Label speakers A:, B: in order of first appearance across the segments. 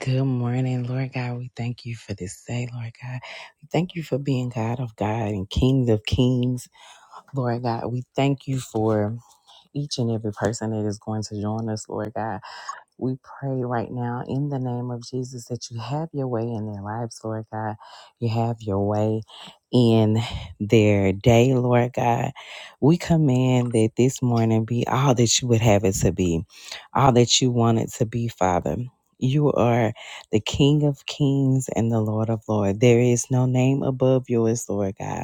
A: Good morning, Lord God. We thank you for this day, Lord God. We thank you for being God of God and King of Kings, Lord God. We thank you for each and every person that is going to join us, Lord God. We pray right now in the name of Jesus that you have your way in their lives, Lord God. You have your way in their day, Lord God. We command that this morning be all that you would have it to be, all that you want it to be, Father. You are the King of kings and the Lord of lords. There is no name above yours, Lord God.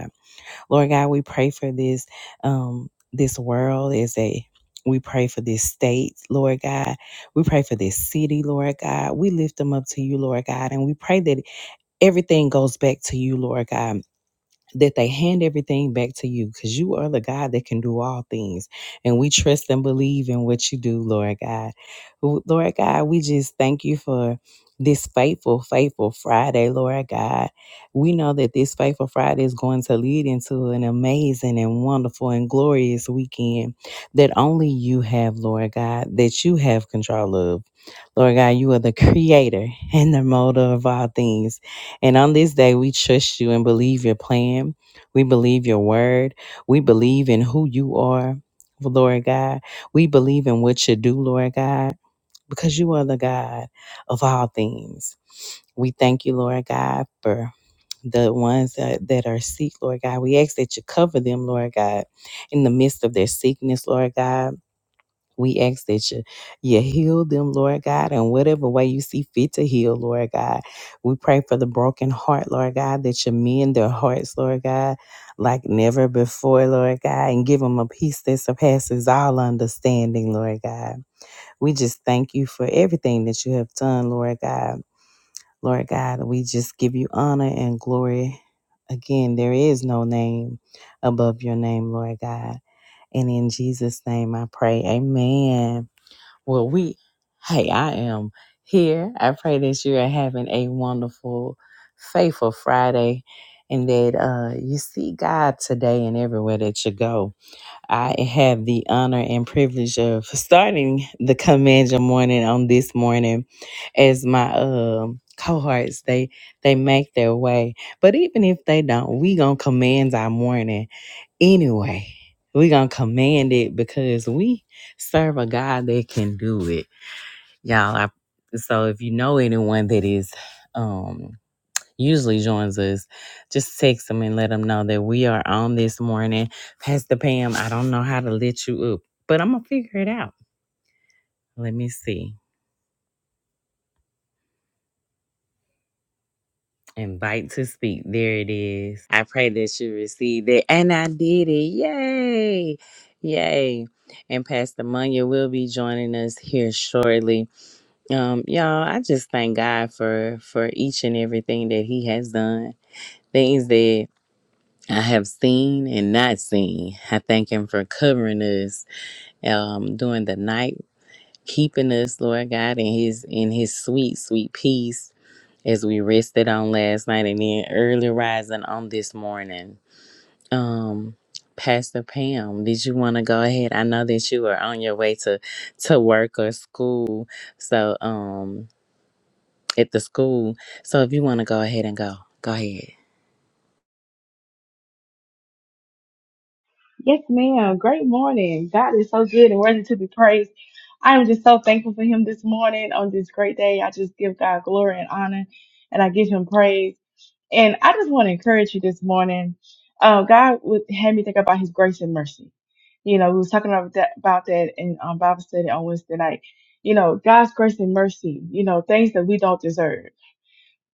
A: Lord God, we pray for this um this world as a we pray for this state, Lord God. We pray for this city, Lord God. We lift them up to you, Lord God, and we pray that everything goes back to you, Lord God that they hand everything back to you because you are the God that can do all things. And we trust and believe in what you do, Lord God. Who- Lord God, we just thank you for this faithful, faithful Friday, Lord God. We know that this faithful Friday is going to lead into an amazing and wonderful and glorious weekend that only you have, Lord God, that you have control of. Lord God, you are the creator and the molder of all things. And on this day, we trust you and believe your plan. We believe your word. We believe in who you are, Lord God. We believe in what you do, Lord God, because you are the God of all things. We thank you, Lord God, for the ones that, that are sick, Lord God. We ask that you cover them, Lord God, in the midst of their sickness, Lord God we ask that you, you heal them, Lord God, in whatever way you see fit to heal, Lord God. We pray for the broken heart, Lord God, that you mend their hearts, Lord God, like never before, Lord God, and give them a peace that surpasses all understanding, Lord God. We just thank you for everything that you have done, Lord God. Lord God, we just give you honor and glory. Again, there is no name above your name, Lord God. And in Jesus' name I pray. Amen. Well, we, hey, I am here. I pray that you are having a wonderful, faithful Friday and that uh, you see God today and everywhere that you go. I have the honor and privilege of starting the Command Your Morning on this morning as my um cohorts they they make their way but even if they don't we gonna command our morning anyway we gonna command it because we serve a god that can do it y'all I, so if you know anyone that is um usually joins us just text them and let them know that we are on this morning pastor pam i don't know how to let you up but i'm gonna figure it out let me see invite to speak there it is i pray that you received it and i did it yay yay and pastor munya will be joining us here shortly um y'all i just thank god for for each and everything that he has done things that I have seen and not seen. I thank Him for covering us um, during the night, keeping us, Lord God, in His in His sweet, sweet peace as we rested on last night and then early rising on this morning. Um, Pastor Pam, did you want to go ahead? I know that you are on your way to to work or school, so um, at the school. So if you want to go ahead and go, go ahead.
B: Yes, ma'am. Great morning. God is so good and worthy to be praised. I am just so thankful for him this morning on this great day. I just give God glory and honor and I give him praise. And I just want to encourage you this morning. Uh, God would had me think about his grace and mercy. You know, we was talking about that, about that in um, Bible study on Wednesday night. You know, God's grace and mercy, you know, things that we don't deserve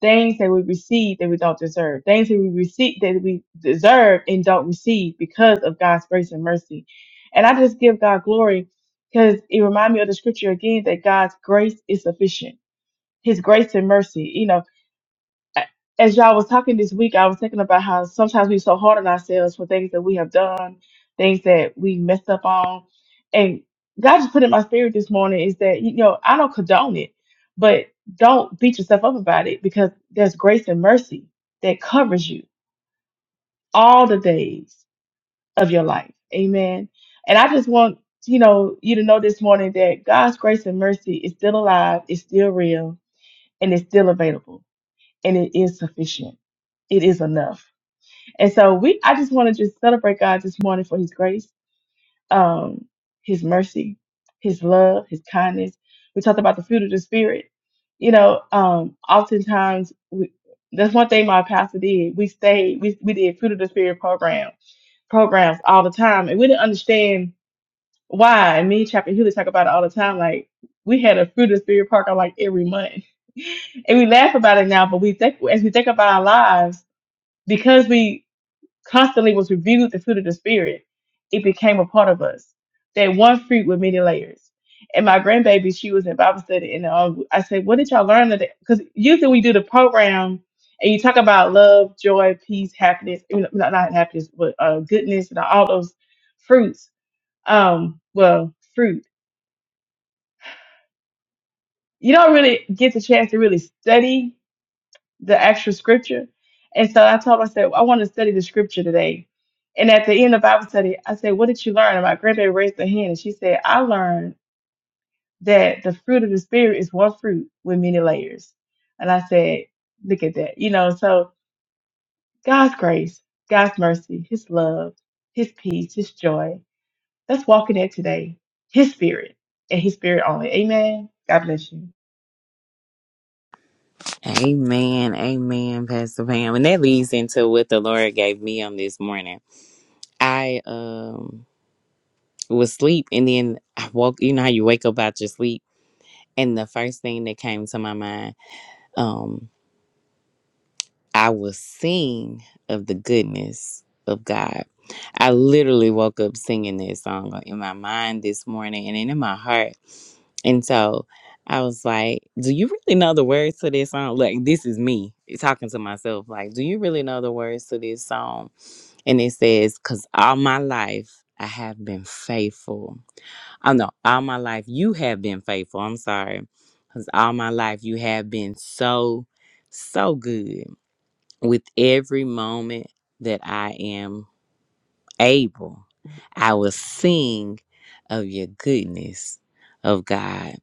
B: things that we receive that we don't deserve, things that we receive that we deserve and don't receive because of God's grace and mercy. And I just give God glory because it reminds me of the scripture again that God's grace is sufficient. His grace and mercy. You know, a- as y'all was talking this week, I was thinking about how sometimes we're so hard on ourselves for things that we have done, things that we messed up on. And God just put in my spirit this morning is that, you know, I don't condone it, but don't beat yourself up about it because there's grace and mercy that covers you all the days of your life. Amen. And I just want, you know, you to know this morning that God's grace and mercy is still alive, it's still real, and it's still available and it is sufficient. It is enough. And so we I just want to just celebrate God this morning for his grace, um, his mercy, his love, his kindness. We talked about the fruit of the spirit. You know, um, oftentimes we that's one thing my pastor did. We stayed, we we did fruit of the spirit program programs all the time and we didn't understand why. And me and Chapter Healy talk about it all the time. Like we had a fruit of the spirit program like every month. and we laugh about it now, but we think as we think about our lives because we constantly was reviewed the fruit of the spirit, it became a part of us. That one fruit with many layers. And my grandbaby, she was in Bible study, and um, I said, "What did y'all learn today?" Because usually we do the program, and you talk about love, joy, peace, happiness. You know, not not happiness, but uh, goodness, and all those fruits. Um, well, fruit. You don't really get the chance to really study the actual scripture. And so I told him, I said, I want to study the scripture today. And at the end of Bible study, I said, What did you learn? And my grandbaby raised her hand and she said, I learned that the fruit of the spirit is one fruit with many layers. And I said, Look at that. You know, so God's grace, God's mercy, his love, his peace, his joy. That's walking in today. His spirit and his spirit only. Amen. God bless you.
A: Amen. Amen, Pastor Pam. And that leads into what the Lord gave me on this morning. I um was asleep and then I woke you know how you wake up out your sleep. And the first thing that came to my mind, um, I will sing of the goodness of God. I literally woke up singing this song in my mind this morning and in my heart. And so I was like, Do you really know the words to this song? Like, this is me talking to myself. Like, do you really know the words to this song? And it says, Because all my life I have been faithful. Oh, no, all my life you have been faithful. I'm sorry. Because all my life you have been so, so good with every moment that I am able, I will sing of your goodness of God.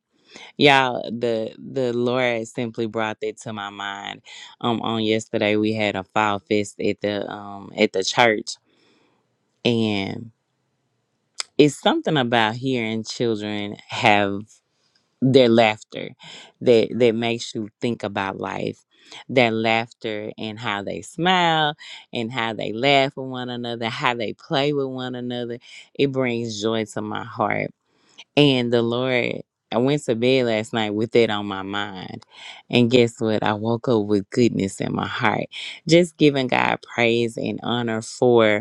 A: Y'all, the the Lord simply brought that to my mind. Um on yesterday we had a fall fest at the um at the church and it's something about hearing children have their laughter that that makes you think about life their laughter and how they smile and how they laugh with one another how they play with one another it brings joy to my heart and the lord i went to bed last night with it on my mind and guess what i woke up with goodness in my heart just giving god praise and honor for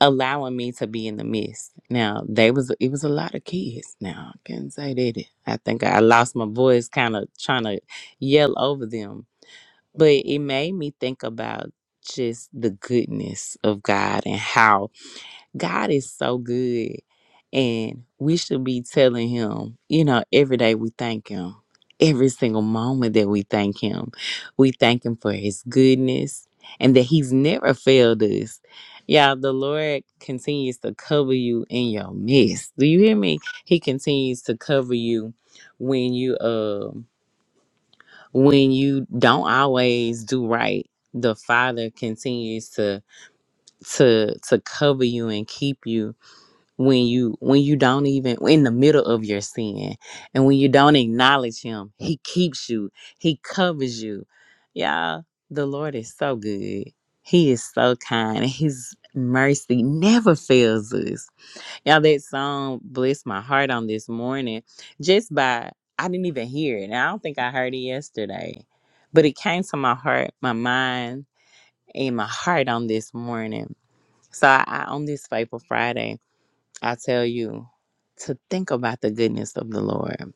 A: allowing me to be in the midst. Now they was it was a lot of kids. Now I can say that I think I lost my voice, kind of trying to yell over them, but it made me think about just the goodness of God and how God is so good. And we should be telling him, you know, every day we thank him. Every single moment that we thank him, we thank him for his goodness and that he's never failed us. Yeah, the Lord continues to cover you in your midst. Do you hear me? He continues to cover you when you um when you don't always do right. The Father continues to to to cover you and keep you when you when you don't even in the middle of your sin and when you don't acknowledge him he keeps you he covers you y'all the lord is so good he is so kind and his mercy never fails us y'all that song blessed my heart on this morning just by i didn't even hear it and i don't think i heard it yesterday but it came to my heart my mind and my heart on this morning so I, I on this faithful friday I tell you to think about the goodness of the Lord.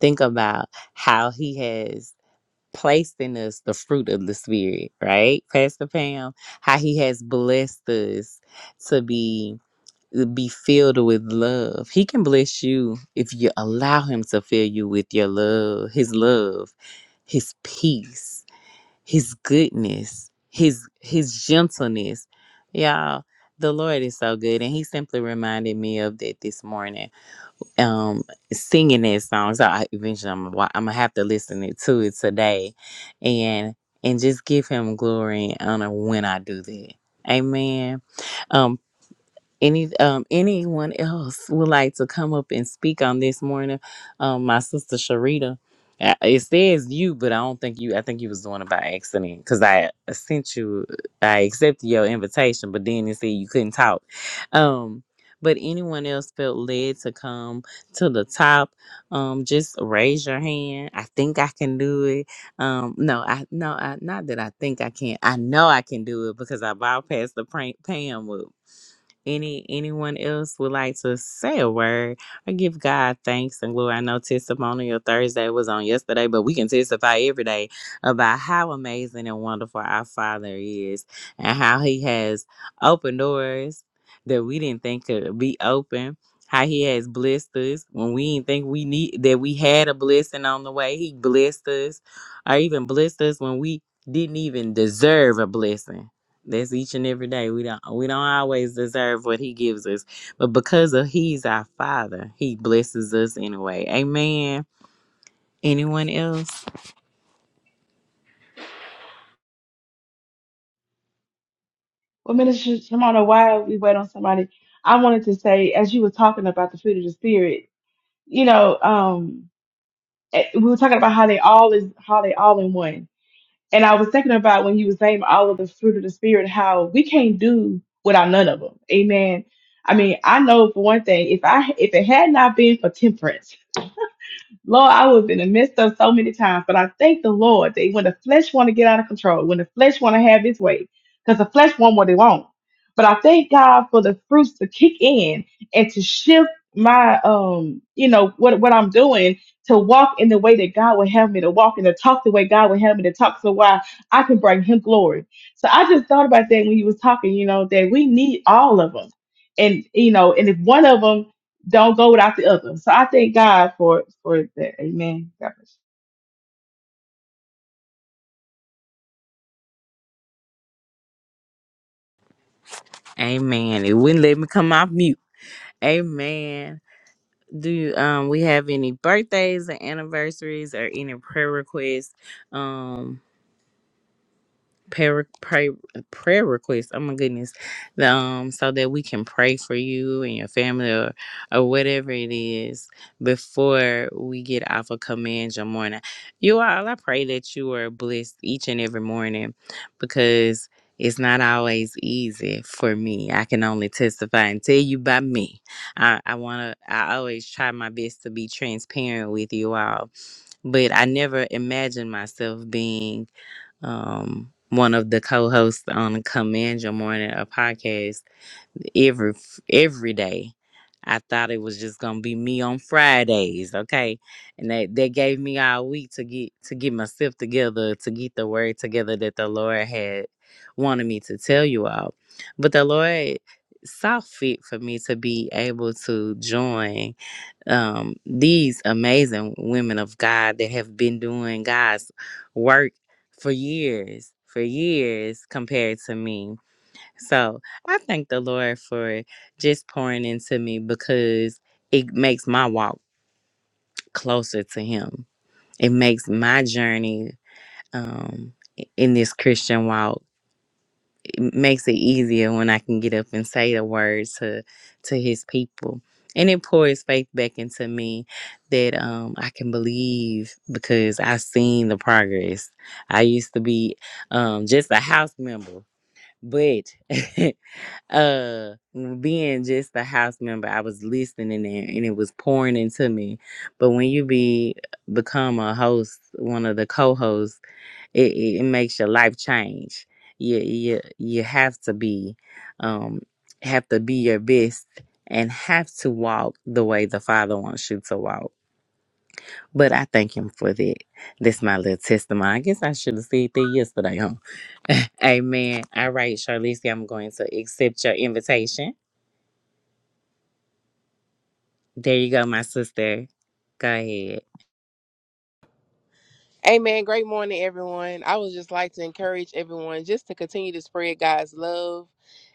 A: Think about how He has placed in us the fruit of the Spirit, right, Pastor Pam? How He has blessed us to be be filled with love. He can bless you if you allow Him to fill you with your love, His love, His peace his goodness, his his gentleness. Y'all, the Lord is so good. And he simply reminded me of that this morning. Um, singing that song. So I eventually I'm, wa- I'm gonna have to listen it to it today and and just give him glory and honor when I do that. Amen. Um any um anyone else would like to come up and speak on this morning um my sister sharita uh, it says you but i don't think you i think you was doing it by accident because i sent you i accepted your invitation but then it said you couldn't talk um but anyone else felt led to come to the top um just raise your hand i think i can do it um no i no i not that i think i can i know i can do it because i bypassed the prank pam any anyone else would like to say a word or give God thanks and glory? I know Testimonial Thursday was on yesterday, but we can testify every day about how amazing and wonderful our Father is and how He has opened doors that we didn't think could be open. How he has blessed us when we didn't think we need that we had a blessing on the way. He blessed us, or even blessed us when we didn't even deserve a blessing that's each and every day. We don't we don't always deserve what he gives us. But because of he's our father, he blesses us anyway. Amen. Anyone else?
B: Well, Minister Shimona, while we wait on somebody, I wanted to say, as you were talking about the fruit of the spirit, you know, um, eh, we were talking about how they all is how they all in one, and I was thinking about when you was naming all of the fruit of the spirit, how we can't do without none of them. Amen. I mean, I know for one thing, if I if it had not been for temperance. Lord, I was in the midst of so many times, but I thank the Lord that when the flesh want to get out of control, when the flesh want to have its way, because the flesh want what they want. But I thank God for the fruits to kick in and to shift my um, you know, what what I'm doing to walk in the way that God would have me to walk and to talk the way God would have me to talk so why I can bring him glory. So I just thought about that when you was talking, you know, that we need all of them. And you know, and if one of them don't go without the other. So I thank God for for that. Amen. God bless you.
A: Amen. It wouldn't let me come off mute. Amen. Do you, um we have any birthdays or anniversaries or any prayer requests? Um prayer, prayer, prayer requests. Oh my goodness, The, um, so that we can pray for you and your family or, or whatever it is before we get off of command your morning. You all, I pray that you are blessed each and every morning because it's not always easy for me. I can only testify and tell you by me. I, I wanna, I always try my best to be transparent with you all, but I never imagined myself being um, one of the co-hosts on Command Your Morning, a podcast every every day. I thought it was just gonna be me on Fridays, okay? And that that gave me all week to get to get myself together, to get the word together that the Lord had wanted me to tell you all. But the Lord saw fit for me to be able to join um, these amazing women of God that have been doing God's work for years, for years compared to me. So I thank the Lord for just pouring into me because it makes my walk closer to Him. It makes my journey um, in this Christian walk it makes it easier when I can get up and say the words to to his people. And it pours faith back into me that um, I can believe because I've seen the progress. I used to be um, just a house member, but uh, being just a house member, I was listening there and it was pouring into me. But when you be become a host, one of the co-hosts, it, it, it makes your life change. You you you have to be, um, have to be your best and have to walk the way the Father wants you to walk. But I thank Him for that. That's my little testimony. I guess I should have said that yesterday, huh? Amen. All right, Charlize, I'm going to accept your invitation. There you go, my sister. Go ahead.
C: Amen. Great morning, everyone. I would just like to encourage everyone just to continue to spread God's love.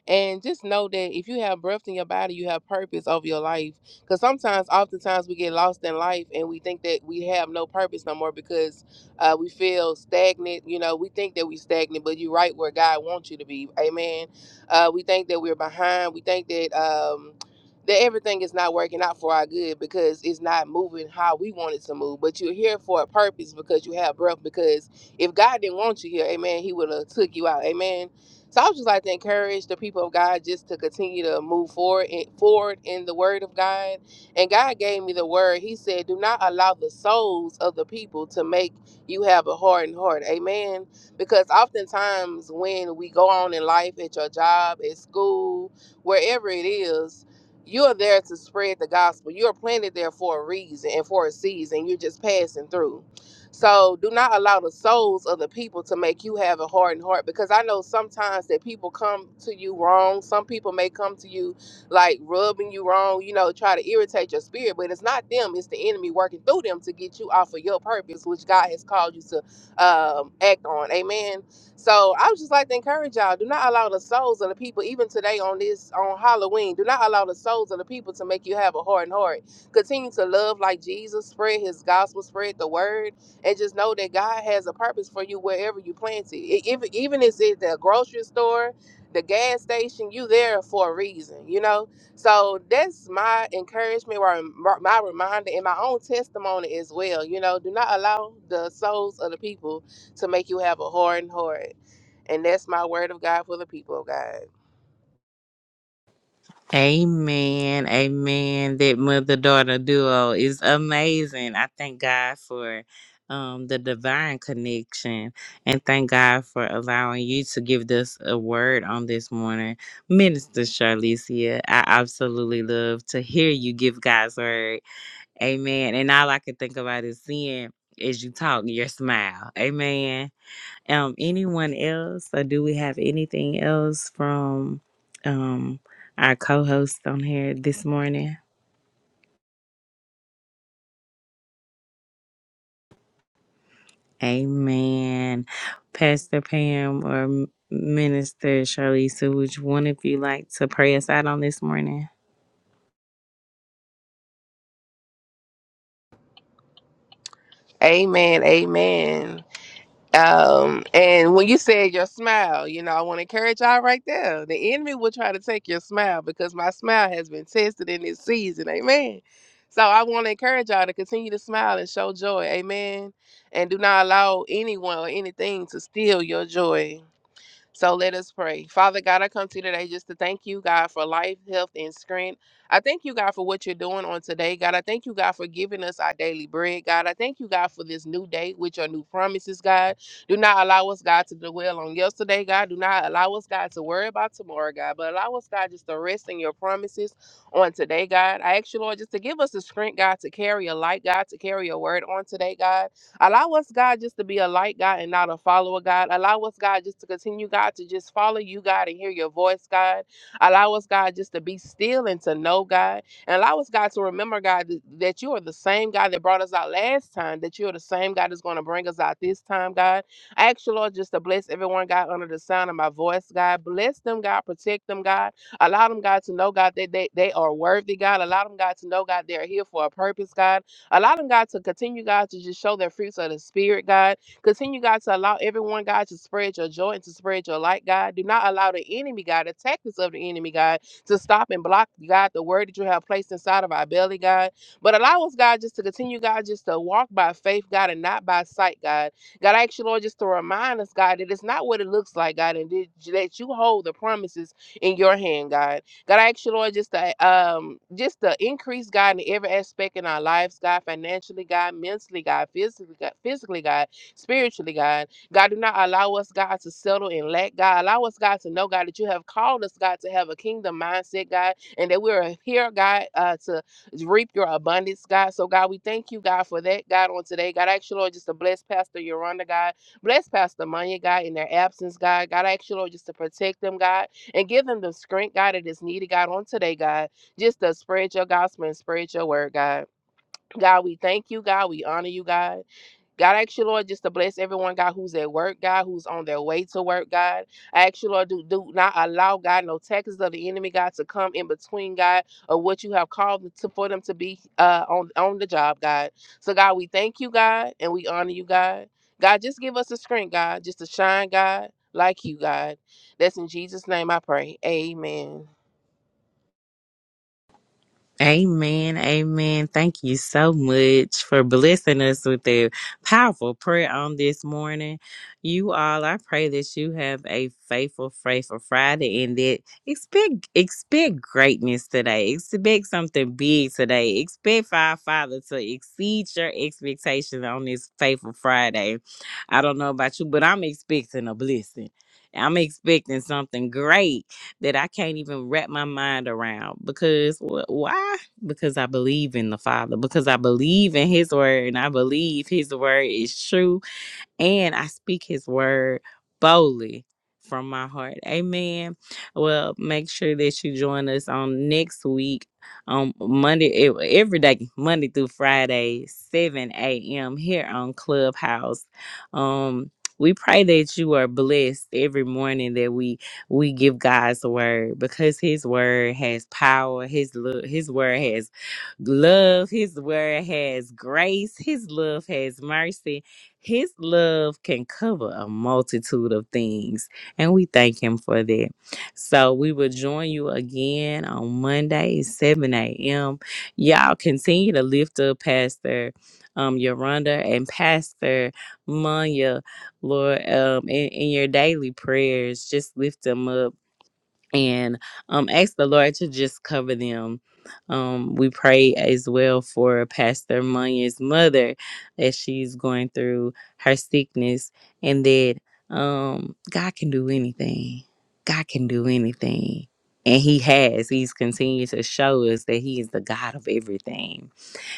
C: And just know that if you have breath in your body, you have purpose over your life. Because sometimes, oftentimes, we get lost in life and we think that we have no purpose no more because uh, we feel stagnant. You know, we think that we're stagnant, but you're right where God wants you to be. Amen. Uh, we think that we're behind. We think that. Um, that everything is not working out for our good because it's not moving how we want it to move. But you're here for a purpose because you have breath. Because if God didn't want you here, Amen, He would have took you out, Amen. So I would just like to encourage the people of God just to continue to move forward, in, forward in the Word of God. And God gave me the word. He said, "Do not allow the souls of the people to make you have a hardened heart." Amen. Because oftentimes when we go on in life, at your job, at school, wherever it is you are there to spread the gospel. You are planted there for a reason and for a season. You're just passing through. So do not allow the souls of the people to make you have a hardened heart because I know sometimes that people come to you wrong. Some people may come to you like rubbing you wrong, you know, try to irritate your spirit, but it's not them, it's the enemy working through them to get you off of your purpose, which God has called you to um, act on. Amen. So I would just like to encourage y'all: do not allow the souls of the people, even today on this on Halloween, do not allow the souls of the people to make you have a hardened heart. Continue to love like Jesus, spread His gospel, spread the word, and just know that God has a purpose for you wherever you plant it. E- Even even if it's the grocery store, the gas station, you there for a reason, you know. So that's my encouragement, or my my reminder, and my own testimony as well. You know, do not allow the souls of the people to make you have a hardened heart. And that's my word of God for the people of God.
A: Amen. Amen. That mother daughter duo is amazing. I thank God for um, the divine connection and thank God for allowing you to give us a word on this morning. Minister Charlicia, I absolutely love to hear you give God's word. Amen. And all I can think about is seeing as you talk, your smile. Amen. Um, anyone else, or do we have anything else from um our co-host on here this morning? Amen. Pastor Pam or M- Minister Shirley Sewage, one if you like to pray us out on this morning.
C: Amen. Amen. Um, and when you said your smile, you know, I want to encourage y'all right there. The enemy will try to take your smile because my smile has been tested in this season. Amen. So I want to encourage y'all to continue to smile and show joy. Amen. And do not allow anyone or anything to steal your joy. So let us pray. Father God, I come to you today just to thank you, God, for life, health, and strength. I thank you, God, for what you're doing on today. God, I thank you, God, for giving us our daily bread. God, I thank you, God, for this new day with your new promises, God. Do not allow us, God, to dwell on yesterday, God. Do not allow us, God, to worry about tomorrow, God. But allow us, God, just to rest in your promises on today, God. I ask you, Lord, just to give us the strength, God, to carry a light, God, to carry a word on today, God. Allow us, God, just to be a light, God, and not a follower, God. Allow us, God, just to continue, God, to just follow you, God, and hear your voice, God. Allow us, God, just to be still and to know, God. And allow us, God, to remember, God, th- that you are the same God that brought us out last time, that you are the same God that's going to bring us out this time, God. I ask you, Lord, just to bless everyone, God, under the sound of my voice, God. Bless them, God. Protect them, God. Allow them, God, to know, God, that they, they are worthy, God. Allow them, God, to know, God, they are here for a purpose, God. Allow them, God, to continue, God, to just show their fruits of the Spirit, God. Continue, God, to allow everyone, God, to spread your joy and to spread your light, God. Do not allow the enemy, God, the tactics of the enemy, God, to stop and block, God, the word that you have placed inside of our belly, God. But allow us, God, just to continue, God, just to walk by faith, God, and not by sight, God. God, I ask you, Lord, just to remind us, God, that it's not what it looks like, God, and that that you hold the promises in your hand, God. God, I ask you, Lord, just to um, just to increase God in every aspect in our lives, God, financially, God, mentally, God, physically, God, physically, God, spiritually, God. God, do not allow us, God, to settle in lack. God, allow us, God, to know, God, that you have called us, God, to have a kingdom mindset, God, and that we are here, God, uh, to reap your abundance, God. So, God, we thank you, God, for that, God, on today. God, I ask you, Lord, just to bless Pastor Yolanda, God. Bless Pastor Manya, God, in their absence, God. God, I ask you, Lord, just to protect them, God and give him the strength, God, that is needed, God, on today, God, just to spread your gospel and spread your word, God. God, we thank you, God. We honor you, God. God, I ask you, Lord, just to bless everyone, God, who's at work, God, who's on their way to work, God. I ask you, Lord, do, do not allow, God, no tactics of the enemy, God, to come in between, God, of what you have called them to, for them to be uh, on, on the job, God. So, God, we thank you, God, and we honor you, God. God, just give us the strength, God, just to shine, God, like you, God. That's in Jesus' name I pray. Amen.
A: Amen. Amen. Thank you so much for blessing us with a powerful prayer on this morning. You all, I pray that you have a faithful, faithful Friday and that expect expect greatness today. Expect something big today. Expect for our Father to exceed your expectations on this faithful Friday. I don't know about you, but I'm expecting a blessing. I'm expecting something great that I can't even wrap my mind around because wh- why? Because I believe in the Father, because I believe in His word, and I believe His word is true and I speak his word boldly from my heart. Amen. Well, make sure that you join us on next week on Monday, ev- every day, Monday through Friday, 7 a.m. here on Clubhouse. Um, we pray that you are blessed every morning that we we give God's word because His word has power. His love, His word has love. His word has grace. His love has mercy his love can cover a multitude of things, and we thank Him for that. So we will join you again on Monday, at 7 a.m. Y'all continue to lift up Pastor um, Yolanda and Pastor Manya, Lord, um, in, in your daily prayers. Just lift them up and um, ask the Lord to just cover them. Um, we pray as well for Pastor Munyan's mother as she's going through her sickness, and that um, God can do anything. God can do anything. And he has. He's continued to show us that he is the God of everything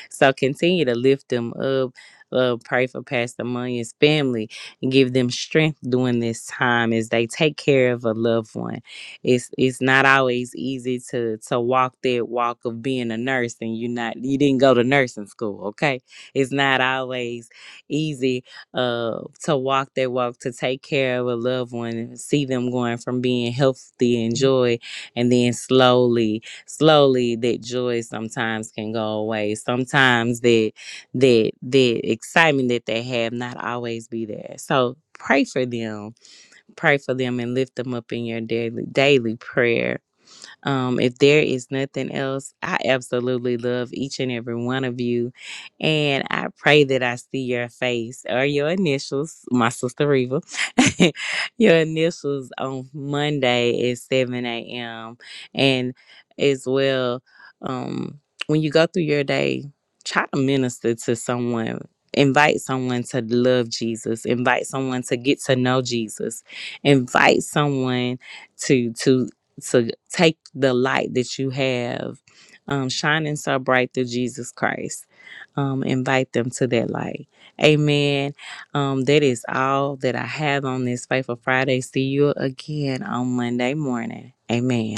A: so continue to lift them up. Uh, pray for Pastor Munyan's family and give them strength during this time as they take care of a loved one. It's it's not always easy to to walk that walk of being a nurse and you not you didn't go to nursing school, okay? It's not always easy uh to walk that walk to take care of a loved one and see them going from being healthy and joy and then slowly slowly that joy sometimes can go away sometimes that that that excitement that they have not always be there so pray for them pray for them and lift them up in your daily daily prayer um, if there is nothing else, I absolutely love each and every one of you. And I pray that I see your face or your initials, my sister Reva, your initials on Monday at 7 a.m. And as well, um, when you go through your day, try to minister to someone. Invite someone to love Jesus. Invite someone to get to know Jesus. Invite someone to to to take the light that you have um, shining so bright through Jesus Christ. Um, invite them to that light. Amen. Um, that is all that I have on this Faithful Friday. See you again on Monday morning. Amen.